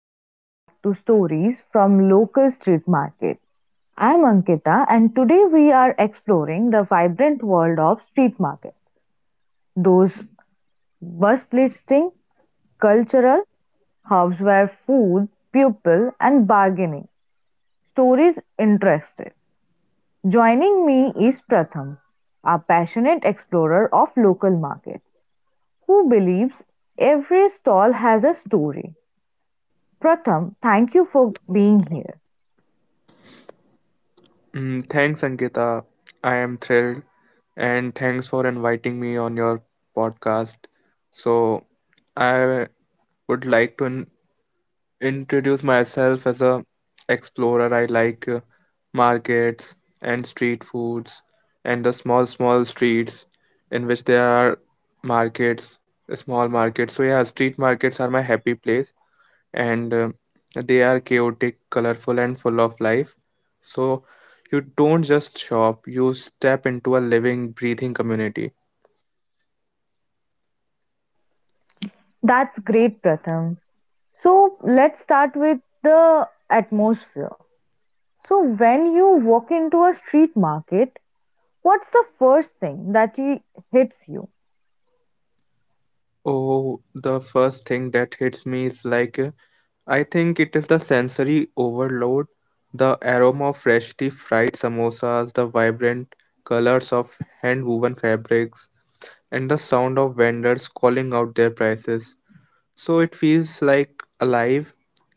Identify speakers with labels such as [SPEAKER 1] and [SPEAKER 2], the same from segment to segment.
[SPEAKER 1] Welcome back to Stories from Local Street Market. I'm Ankita, and today we are exploring the vibrant world of street markets. Those bus listing, cultural, houseware, food, pupil, and bargaining. Stories interested. Joining me is Pratham, a passionate explorer of local markets, who believes every stall has a story. Pratham, thank you for being here.
[SPEAKER 2] Thanks, Ankita. I am thrilled, and thanks for inviting me on your podcast. So I would like to introduce myself as a explorer. I like markets and street foods and the small, small streets in which there are markets, small markets. So yeah, street markets are my happy place and they are chaotic, colorful, and full of life. So you don't just shop, you step into a living, breathing community.
[SPEAKER 1] That's great, Pratham. So let's start with the atmosphere. So when you walk into a street market, what's the first thing that hits you?
[SPEAKER 2] Oh, the first thing that hits me is like I think it is the sensory overload, the aroma of freshly fried samosas, the vibrant colors of hand woven fabrics, and the sound of vendors calling out their prices. So it feels like alive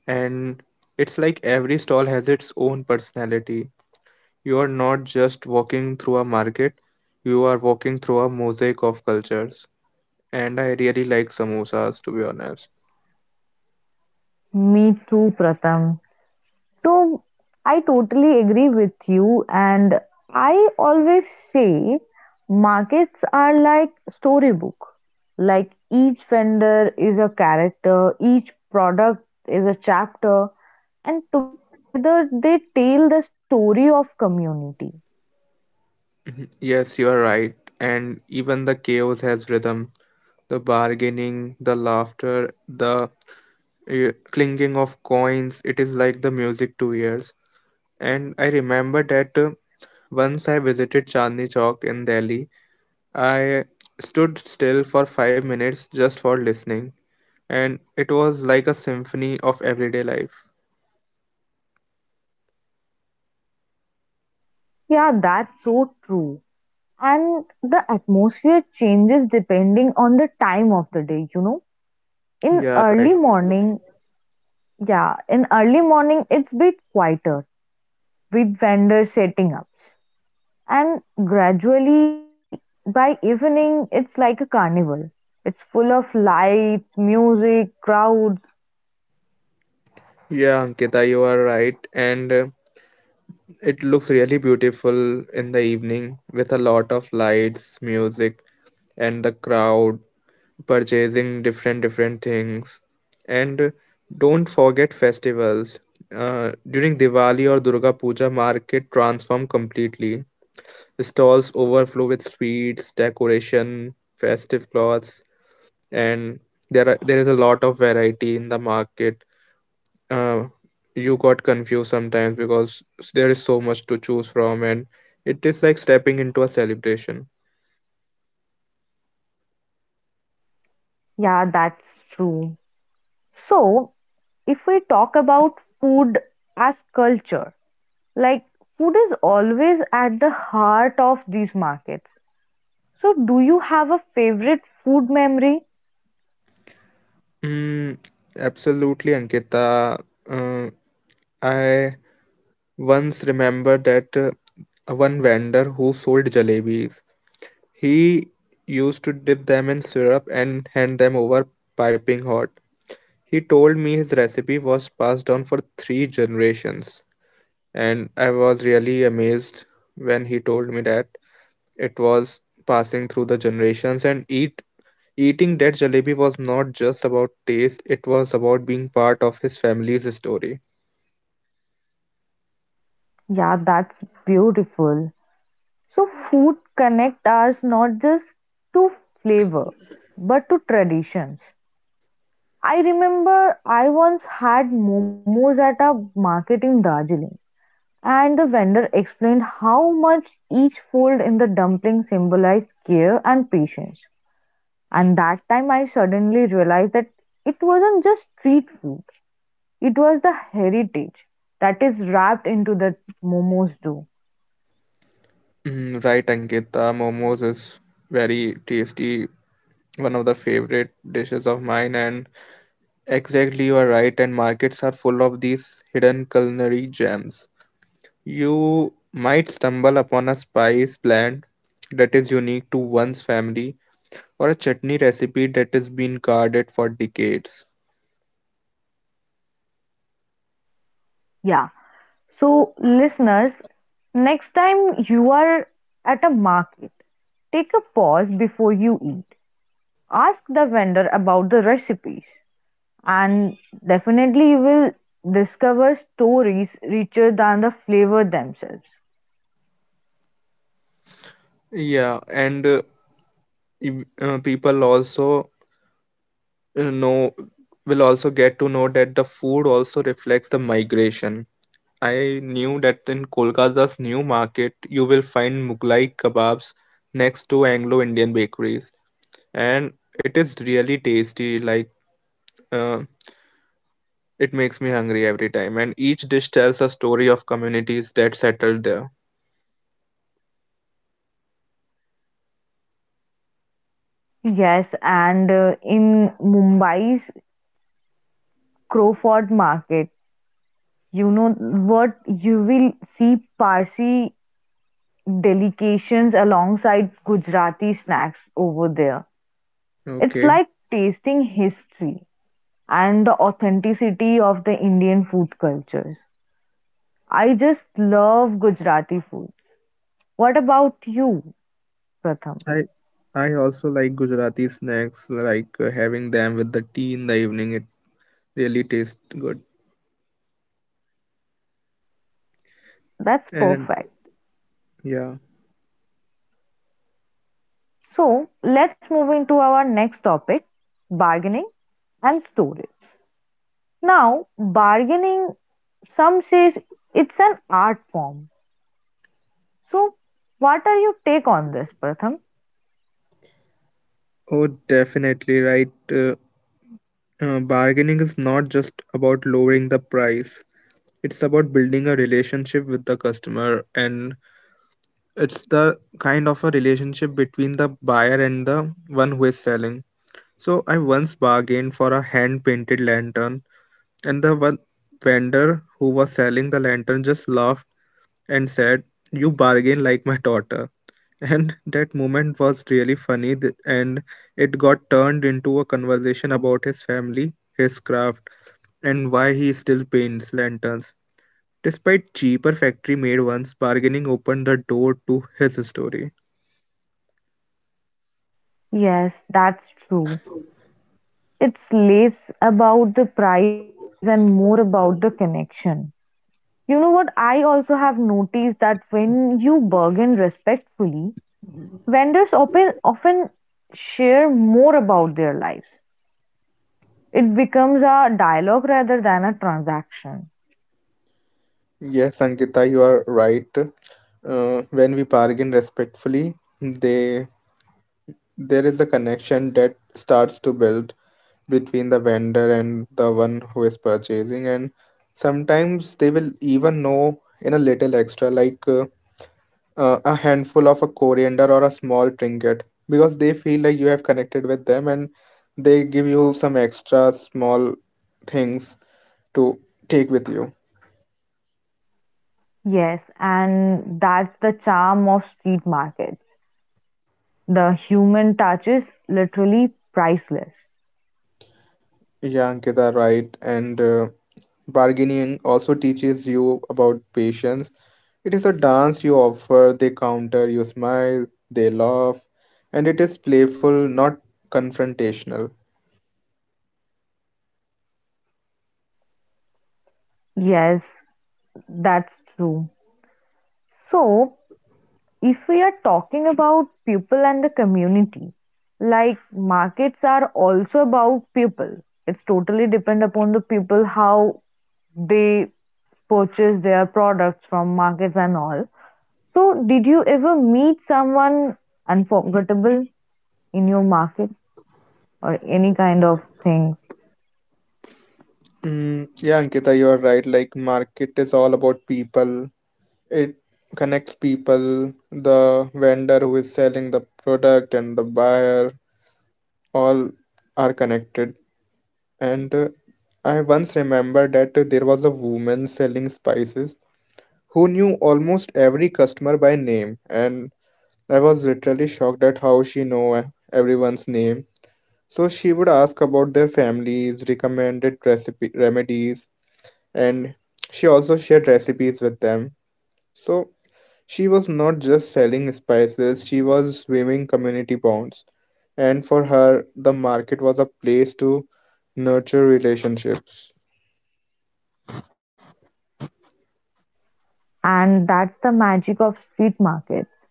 [SPEAKER 2] and it's like every stall has its own personality. You are not just walking through a market, you are walking through a mosaic of cultures, and I really like samosas to be honest.
[SPEAKER 1] Me too, Pratham. So I totally agree with you, and I always say markets are like storybook. Like each vendor is a character, each product is a chapter, and together they tell the story of community.
[SPEAKER 2] Mhm. Yes, you are right, and even the chaos has rhythm, the bargaining, the laughter, the uh, clinking of coins, it is like the music to ears. And I remember that once I visited Chandni Chowk in Delhi. I stood still for 5 minutes just for listening, and it was like a symphony of everyday life.
[SPEAKER 1] Yeah, that's so true. And the atmosphere changes depending on the time of the day, you know. In
[SPEAKER 2] Yeah, right.
[SPEAKER 1] early morning, yeah, in early morning it's bit quieter with vendors setting ups. And gradually by evening it's like a carnival. It's full of lights, music, crowds.
[SPEAKER 2] Yeah, Ankita, you are right. And it looks really beautiful in the evening with a lot of lights, music, and the crowd purchasing different different things. And don't forget festivals. During Diwali or Durga Puja, market transform completely. Stalls overflow with sweets, decoration, festive cloths, and there is a lot of variety in the market. Uh, you got confused sometimes because there is so much to choose from, and it is like stepping into a celebration.
[SPEAKER 1] Yeah, that's true. So if we talk about food as culture, like food is always at the heart of these markets. So, do you have a favorite food memory?
[SPEAKER 2] Mm, Absolutely, Ankita. Uh, I once remember that one vendor who sold jalebis. He used to dip them in syrup and hand them over piping hot. He told me his recipe was passed down for 3 generations, and I was really amazed when he told me that it was passing through the generations and eating that jalebi was not just about taste, it was about being part of his family's story.
[SPEAKER 1] Yeah, that's beautiful. So, food connect us not just to flavor but to traditions. I remember I once had momos at a market in Darjeeling. And the vendor explained how much each fold in the dumpling symbolized care and patience. And that time I suddenly realized that it wasn't just street food, it was the heritage that is wrapped into the momos do.
[SPEAKER 2] Right, Ankita, momos is very tasty, one of the favorite dishes of mine, and exactly you are right, and markets are full of these hidden culinary gems. You might stumble upon a spice blend that is unique to one's family or a chutney recipe that has been guarded for decades.
[SPEAKER 1] Yeah. So, listeners, next time you are at a market, take a pause before you eat. Ask the vendor about the recipes, and definitely you will discover stories richer than the flavor themselves.
[SPEAKER 2] Yeah, and people also know will also get to know that the food also reflects the migration. I knew that in Kolkata's new market, you will find Mughlai kebabs next to Anglo-Indian bakeries, and it is really tasty. Like uh, it makes me hungry every time, and each dish tells a story of communities that settled there.
[SPEAKER 1] Yes, and in Mumbai's Crawford market, you know what, you will see Parsi delications alongside Gujarati snacks over there. It's
[SPEAKER 2] Okay.
[SPEAKER 1] like tasting history and the authenticity of the Indian food cultures. I just love Gujarati food. What about you, Pratham?
[SPEAKER 2] I I also like Gujarati snacks, like having them with the tea in the evening. It really tastes good.
[SPEAKER 1] That's
[SPEAKER 2] And
[SPEAKER 1] perfect.
[SPEAKER 2] yeah.
[SPEAKER 1] So let's move into our next topic, bargaining and storage. Now, bargaining, some says it's an art form. So, what are your take on this, Pratham?
[SPEAKER 2] Oh, definitely right. Bargaining is not just about lowering the price. It's about building a relationship with the customer, and it's the kind of a relationship between the buyer and the one who is selling. So I once bargained for a hand painted lantern, and the one vendor who was selling the lantern just laughed and said, "You bargain like my daughter." And that moment was really funny, and it got turned into a conversation about his family, his craft, and why he still paints lanterns. Despite cheaper factory made ones, bargaining opened the door to his story.
[SPEAKER 1] Yes, that's true. It's less about the price and more about the connection. You know what? I also have noticed that when you bargain respectfully, vendors often share more about their lives. It becomes a dialogue rather than a transaction.
[SPEAKER 2] Yes, Ankita, you are right. When we bargain respectfully, they there is a connection that starts to build between the vendor and the one who is purchasing, and sometimes they will even know in a little extra, like a handful of a coriander or a small trinket, because they feel like you have connected with them, and they give you some extra small things to take with you.
[SPEAKER 1] Yes, and that's the charm of street markets. The human touch is literally priceless.
[SPEAKER 2] Yeah, Ankita, right, and. Bargaining also teaches you about patience. It is a dance, you offer, they counter, you smile, they laugh, and it is playful, not confrontational.
[SPEAKER 1] Yes, that's true. So, if we are talking about people and the community, like markets are also about people. It's totally depend upon the people how they purchase their products from markets and all. So, did you ever meet someone unforgettable in your market or any kind of things?
[SPEAKER 2] Yeah, Ankita, you are right. Like, market is all about people, it connects people, the vendor who is selling the product and the buyer, all are connected. And I once remember that there was a woman selling spices who knew almost every customer by name, and I was literally shocked at how she knew everyone's name. So she would ask about their families, recommended recipe remedies, and she also shared recipes with them. So she was not just selling spices, she was weaving community bonds. And for her, the market was a place to nurture relationships.
[SPEAKER 1] And that's the magic of street markets.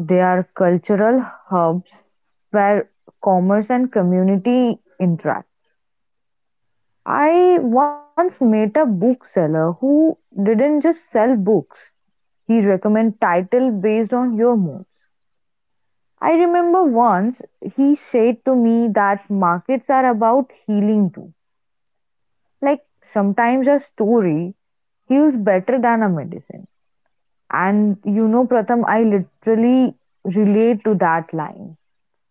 [SPEAKER 1] They are cultural hubs where commerce and community interacts. I once met a bookseller who didn't just sell books. He recommended title based on your moods. I remember once he said to me that markets are about healing too. Like sometimes a story heals better than a medicine. And you know, Pratham, I literally relate to that line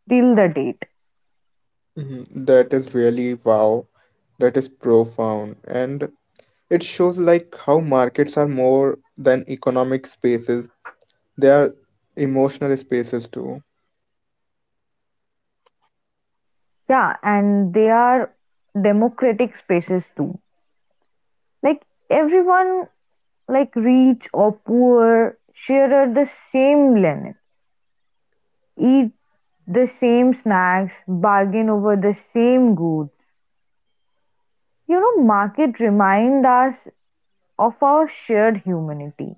[SPEAKER 1] till the date.
[SPEAKER 2] Mhm. That is really wow. That is profound. And it shows like how markets are more than economic spaces, they are emotional spaces too.
[SPEAKER 1] Yeah, and they are democratic spaces too. Like everyone, like rich or poor, share the same linens, eat the same snacks, bargain over the same goods. You know, market remind us of our shared humanity.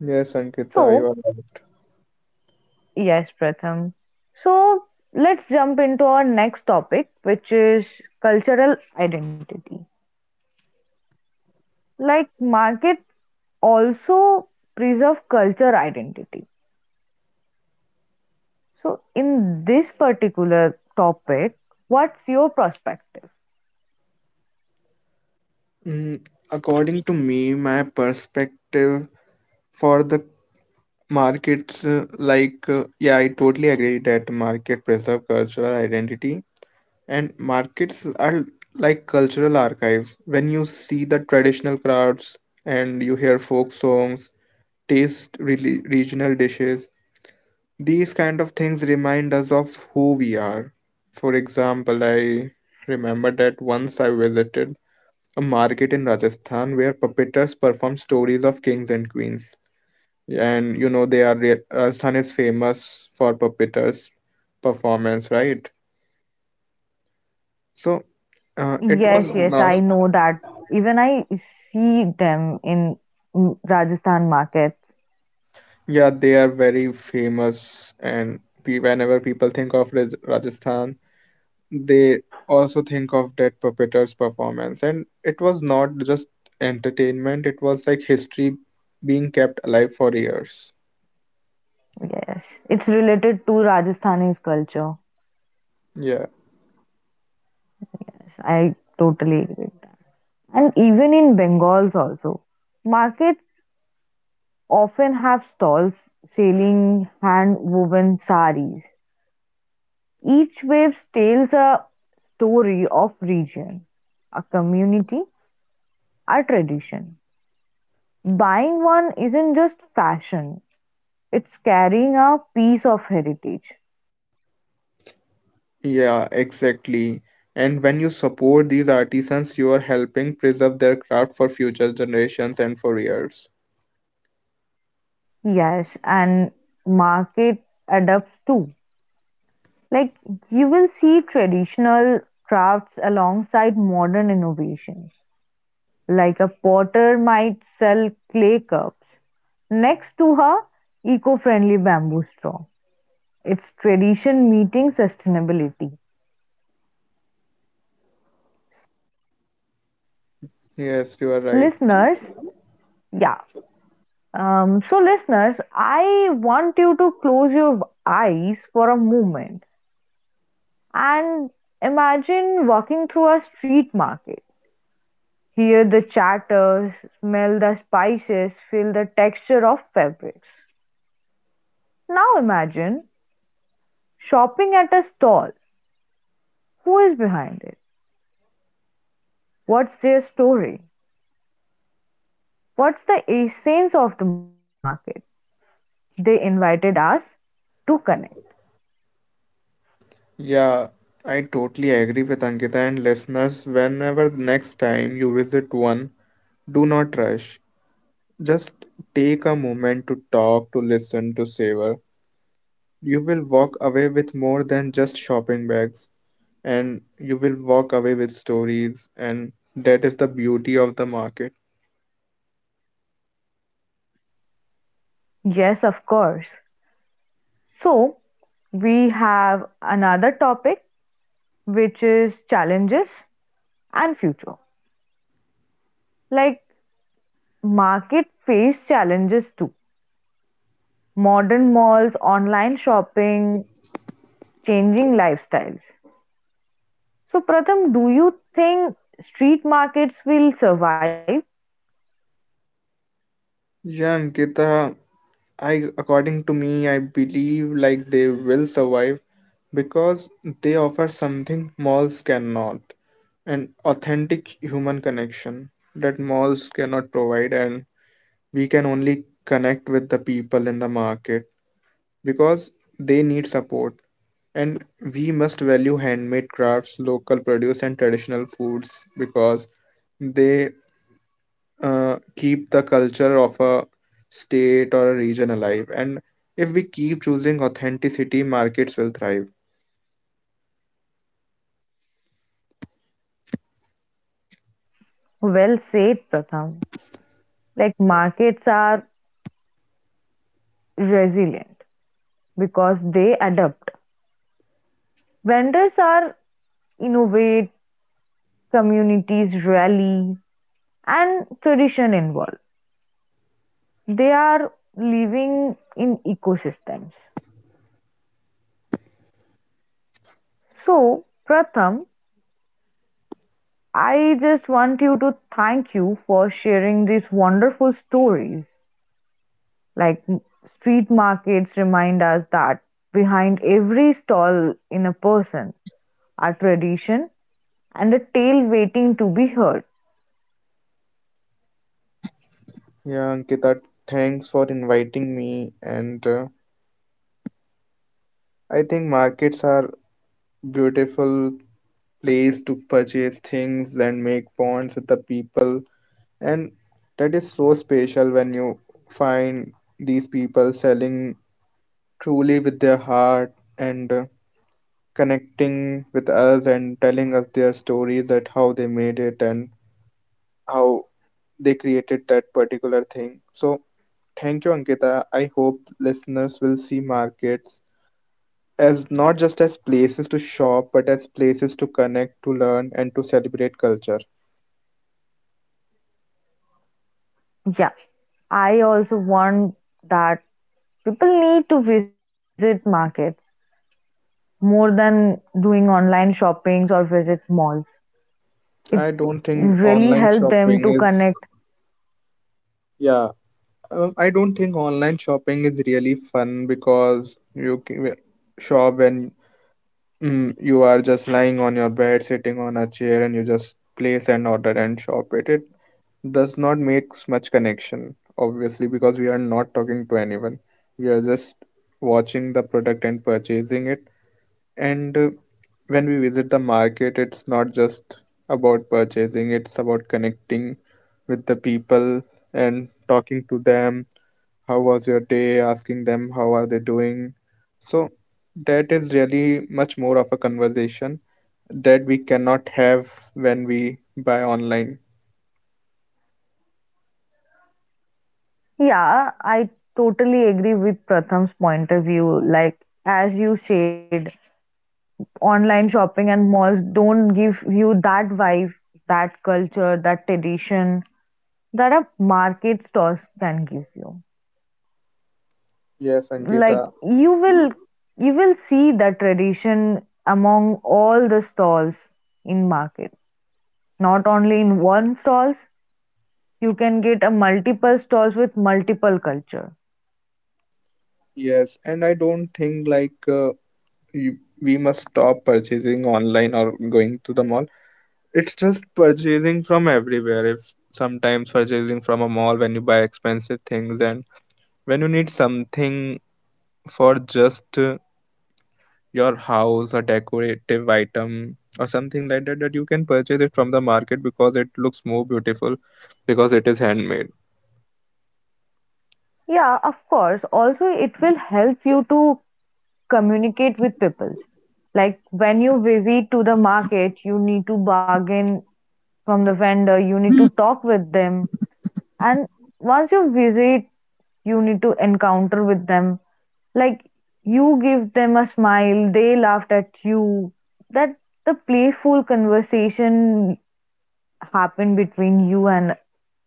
[SPEAKER 2] Yes, Ankita, you
[SPEAKER 1] So,
[SPEAKER 2] are right.
[SPEAKER 1] yes, Pratham. So let's jump into our next topic, which is cultural identity. Like markets also preserve culture identity. So in this particular topic, what's your perspective?
[SPEAKER 2] Mm, According to me, my perspective for the markets, yeah, I totally agree that market preserve cultural identity and markets are like cultural archives. When you see the traditional crafts and you hear folk songs, taste really regional dishes, these kind of things remind us of who we are. For example, I remember that once I visited a market in Rajasthan where puppeters perform stories of kings and queens. And you know, they are Rajasthan is famous for puppeters performance, right? So it was
[SPEAKER 1] Yes, yes,
[SPEAKER 2] not,
[SPEAKER 1] I know that. Even I see them in Rajasthan markets.
[SPEAKER 2] yeah, they are very famous. And whenever people think of Rajasthan, they also think of that perpetrator's performance, and it was not just entertainment, it was like history being kept alive for years.
[SPEAKER 1] Yes, it's related to Rajasthani's culture.
[SPEAKER 2] Yeah,
[SPEAKER 1] Yes, I totally agree. And even in Bengals also. Markets often have stalls selling hand woven saris. Each wave tells a story of region, a community, a tradition. Buying one isn't just fashion, it's carrying a piece of heritage.
[SPEAKER 2] yeah, exactly, and when you support these artisans you are helping preserve their craft for future generations and for years.
[SPEAKER 1] Yes, and market adapts too. Like you will see traditional crafts alongside modern innovations. Like a potter might sell clay cups. Next to her, eco friendly bamboo straw. It's tradition meeting sustainability.
[SPEAKER 2] Yes, you are right.
[SPEAKER 1] Listeners, yeah. So, listeners, I want you to close your eyes for a moment and imagine walking through a street market. Hear the chatter, smell the spices, feel the texture of fabrics. Now imagine shopping at a stall. Who is behind it? What's their story? What's the essence of the market? They invited us to connect.
[SPEAKER 2] Yeah, I totally agree with Ankita, and listeners, whenever next time you visit one, do not rush, just take a moment to talk, to listen, to savor. You will walk away with more than just shopping bags, and you will walk away with stories, and that is the beauty of the market.
[SPEAKER 1] Yes, of course. So, we have another topic, which is challenges and future. Like, market face challenges too. Modern malls, online shopping, changing lifestyles. So, Pratham, do you think street markets will survive?
[SPEAKER 2] Yeah, Ankita, I according to me I believe like they will survive because they offer something malls cannot, an authentic human connection that malls cannot provide, and we can only connect with the people in the market because they need support. And we must value handmade crafts, local produce, and traditional foods because they keep the culture of a state or a region alive. And if we keep choosing authenticity, markets will thrive.
[SPEAKER 1] Well said, Pratham. Like markets are resilient because they adapt, vendors are innovate, communities rally, and tradition involved. They are living in ecosystems. So, Pratham, I just want you to thank you for sharing these wonderful stories. Like street markets remind us that behind every stall in a person are tradition and a tale waiting to be heard.
[SPEAKER 2] Yeah, Ankita, thanks for inviting me. And I think markets are beautiful place to purchase things and make bonds with the people. And that is so special when you find these people selling truly with their heart and connecting with us and telling us their stories at how they made it and how they created that particular thing. So thank you, Ankita. I hope listeners will see markets as not just as places to shop, but as places to connect, to learn, and to celebrate culture.
[SPEAKER 1] Yeah, I also want that people need to visit markets more than doing online shoppings or visit malls. It
[SPEAKER 2] I don't think
[SPEAKER 1] really
[SPEAKER 2] online
[SPEAKER 1] helped them
[SPEAKER 2] shopping
[SPEAKER 1] to
[SPEAKER 2] is
[SPEAKER 1] connect.
[SPEAKER 2] yeah. I don't think online shopping is really fun because you can shop when you are just lying on your bed, sitting on a chair, and you just place an order and shop it. It does not makes much connection, obviously, because we are not talking to anyone. We are just watching the product and purchasing it. And when we visit the market, it's not just about purchasing, it's about connecting with the people and talking to them, how was your day, asking them how are they doing. So that is really much more of a conversation that we cannot have when we buy online.
[SPEAKER 1] Yeah, I totally agree with Pratham's point of view. Like as you said, online shopping and malls don't give you that vibe, that culture, that tradition that a market stores can give you.
[SPEAKER 2] Yes, Ankita.
[SPEAKER 1] Like you will you will see that tradition among all the stalls in market, not only in one stalls. You can get a multiple stalls with multiple culture.
[SPEAKER 2] Yes, and I don't think like you, we must stop purchasing online or going to the mall, it's just purchasing from everywhere. If sometimes purchasing from a mall when you buy expensive things and when you need something for just your house, a decorative item or something like that, that you can purchase it from the market because it looks more beautiful, because it is handmade.
[SPEAKER 1] Yeah, of course, also it will help you to communicate with peoples. Like when you visit to the market you need to bargain from the vendor, you need to talk with them. And once you visit you need to encounter with them. Like you give them a smile, they laughed at you. That the playful conversation happened between you and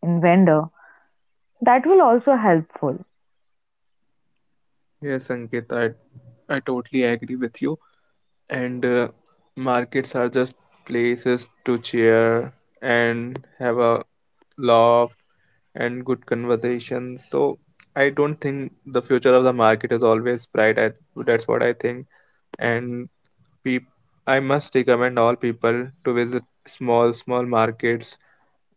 [SPEAKER 1] and vendor. That will also helpful.
[SPEAKER 2] Yes, Ankit, I totally agree with you, and markets are just places to cheer and have a laugh and good conversation. So I don't think the future of the market is always bright. That's what I think. And Peop- I must recommend all people to visit small, small markets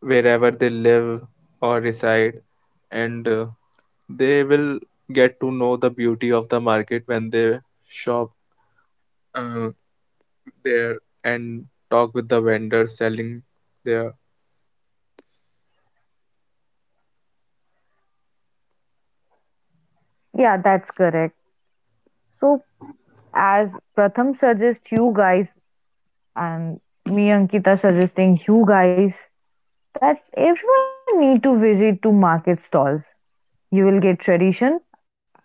[SPEAKER 2] wherever they live or reside, and they will get to know the beauty of the market when they shop uh, there and talk with the vendors selling their.
[SPEAKER 1] Yeah, that's correct. So as Pratham suggests you guys and me Ankita suggesting you guys that everyone need to visit to market stalls. You will get tradition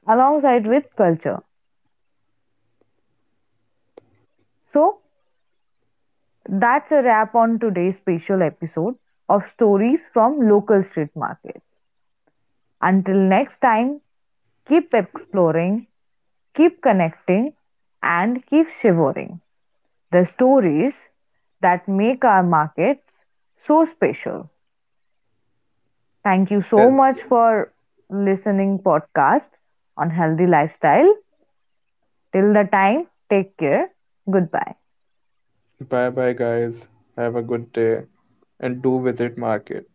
[SPEAKER 1] alongside with culture. So that's a wrap on today's special episode of Stories from Local Street Markets. Until next time, keep exploring, keep connecting, and keep shivering the stories that make our markets so special. Thank you so
[SPEAKER 2] Yes.
[SPEAKER 1] much for listening podcast on healthy lifestyle. Till the time, take care. Goodbye.
[SPEAKER 2] Bye bye, guys. Have a good day and do visit market.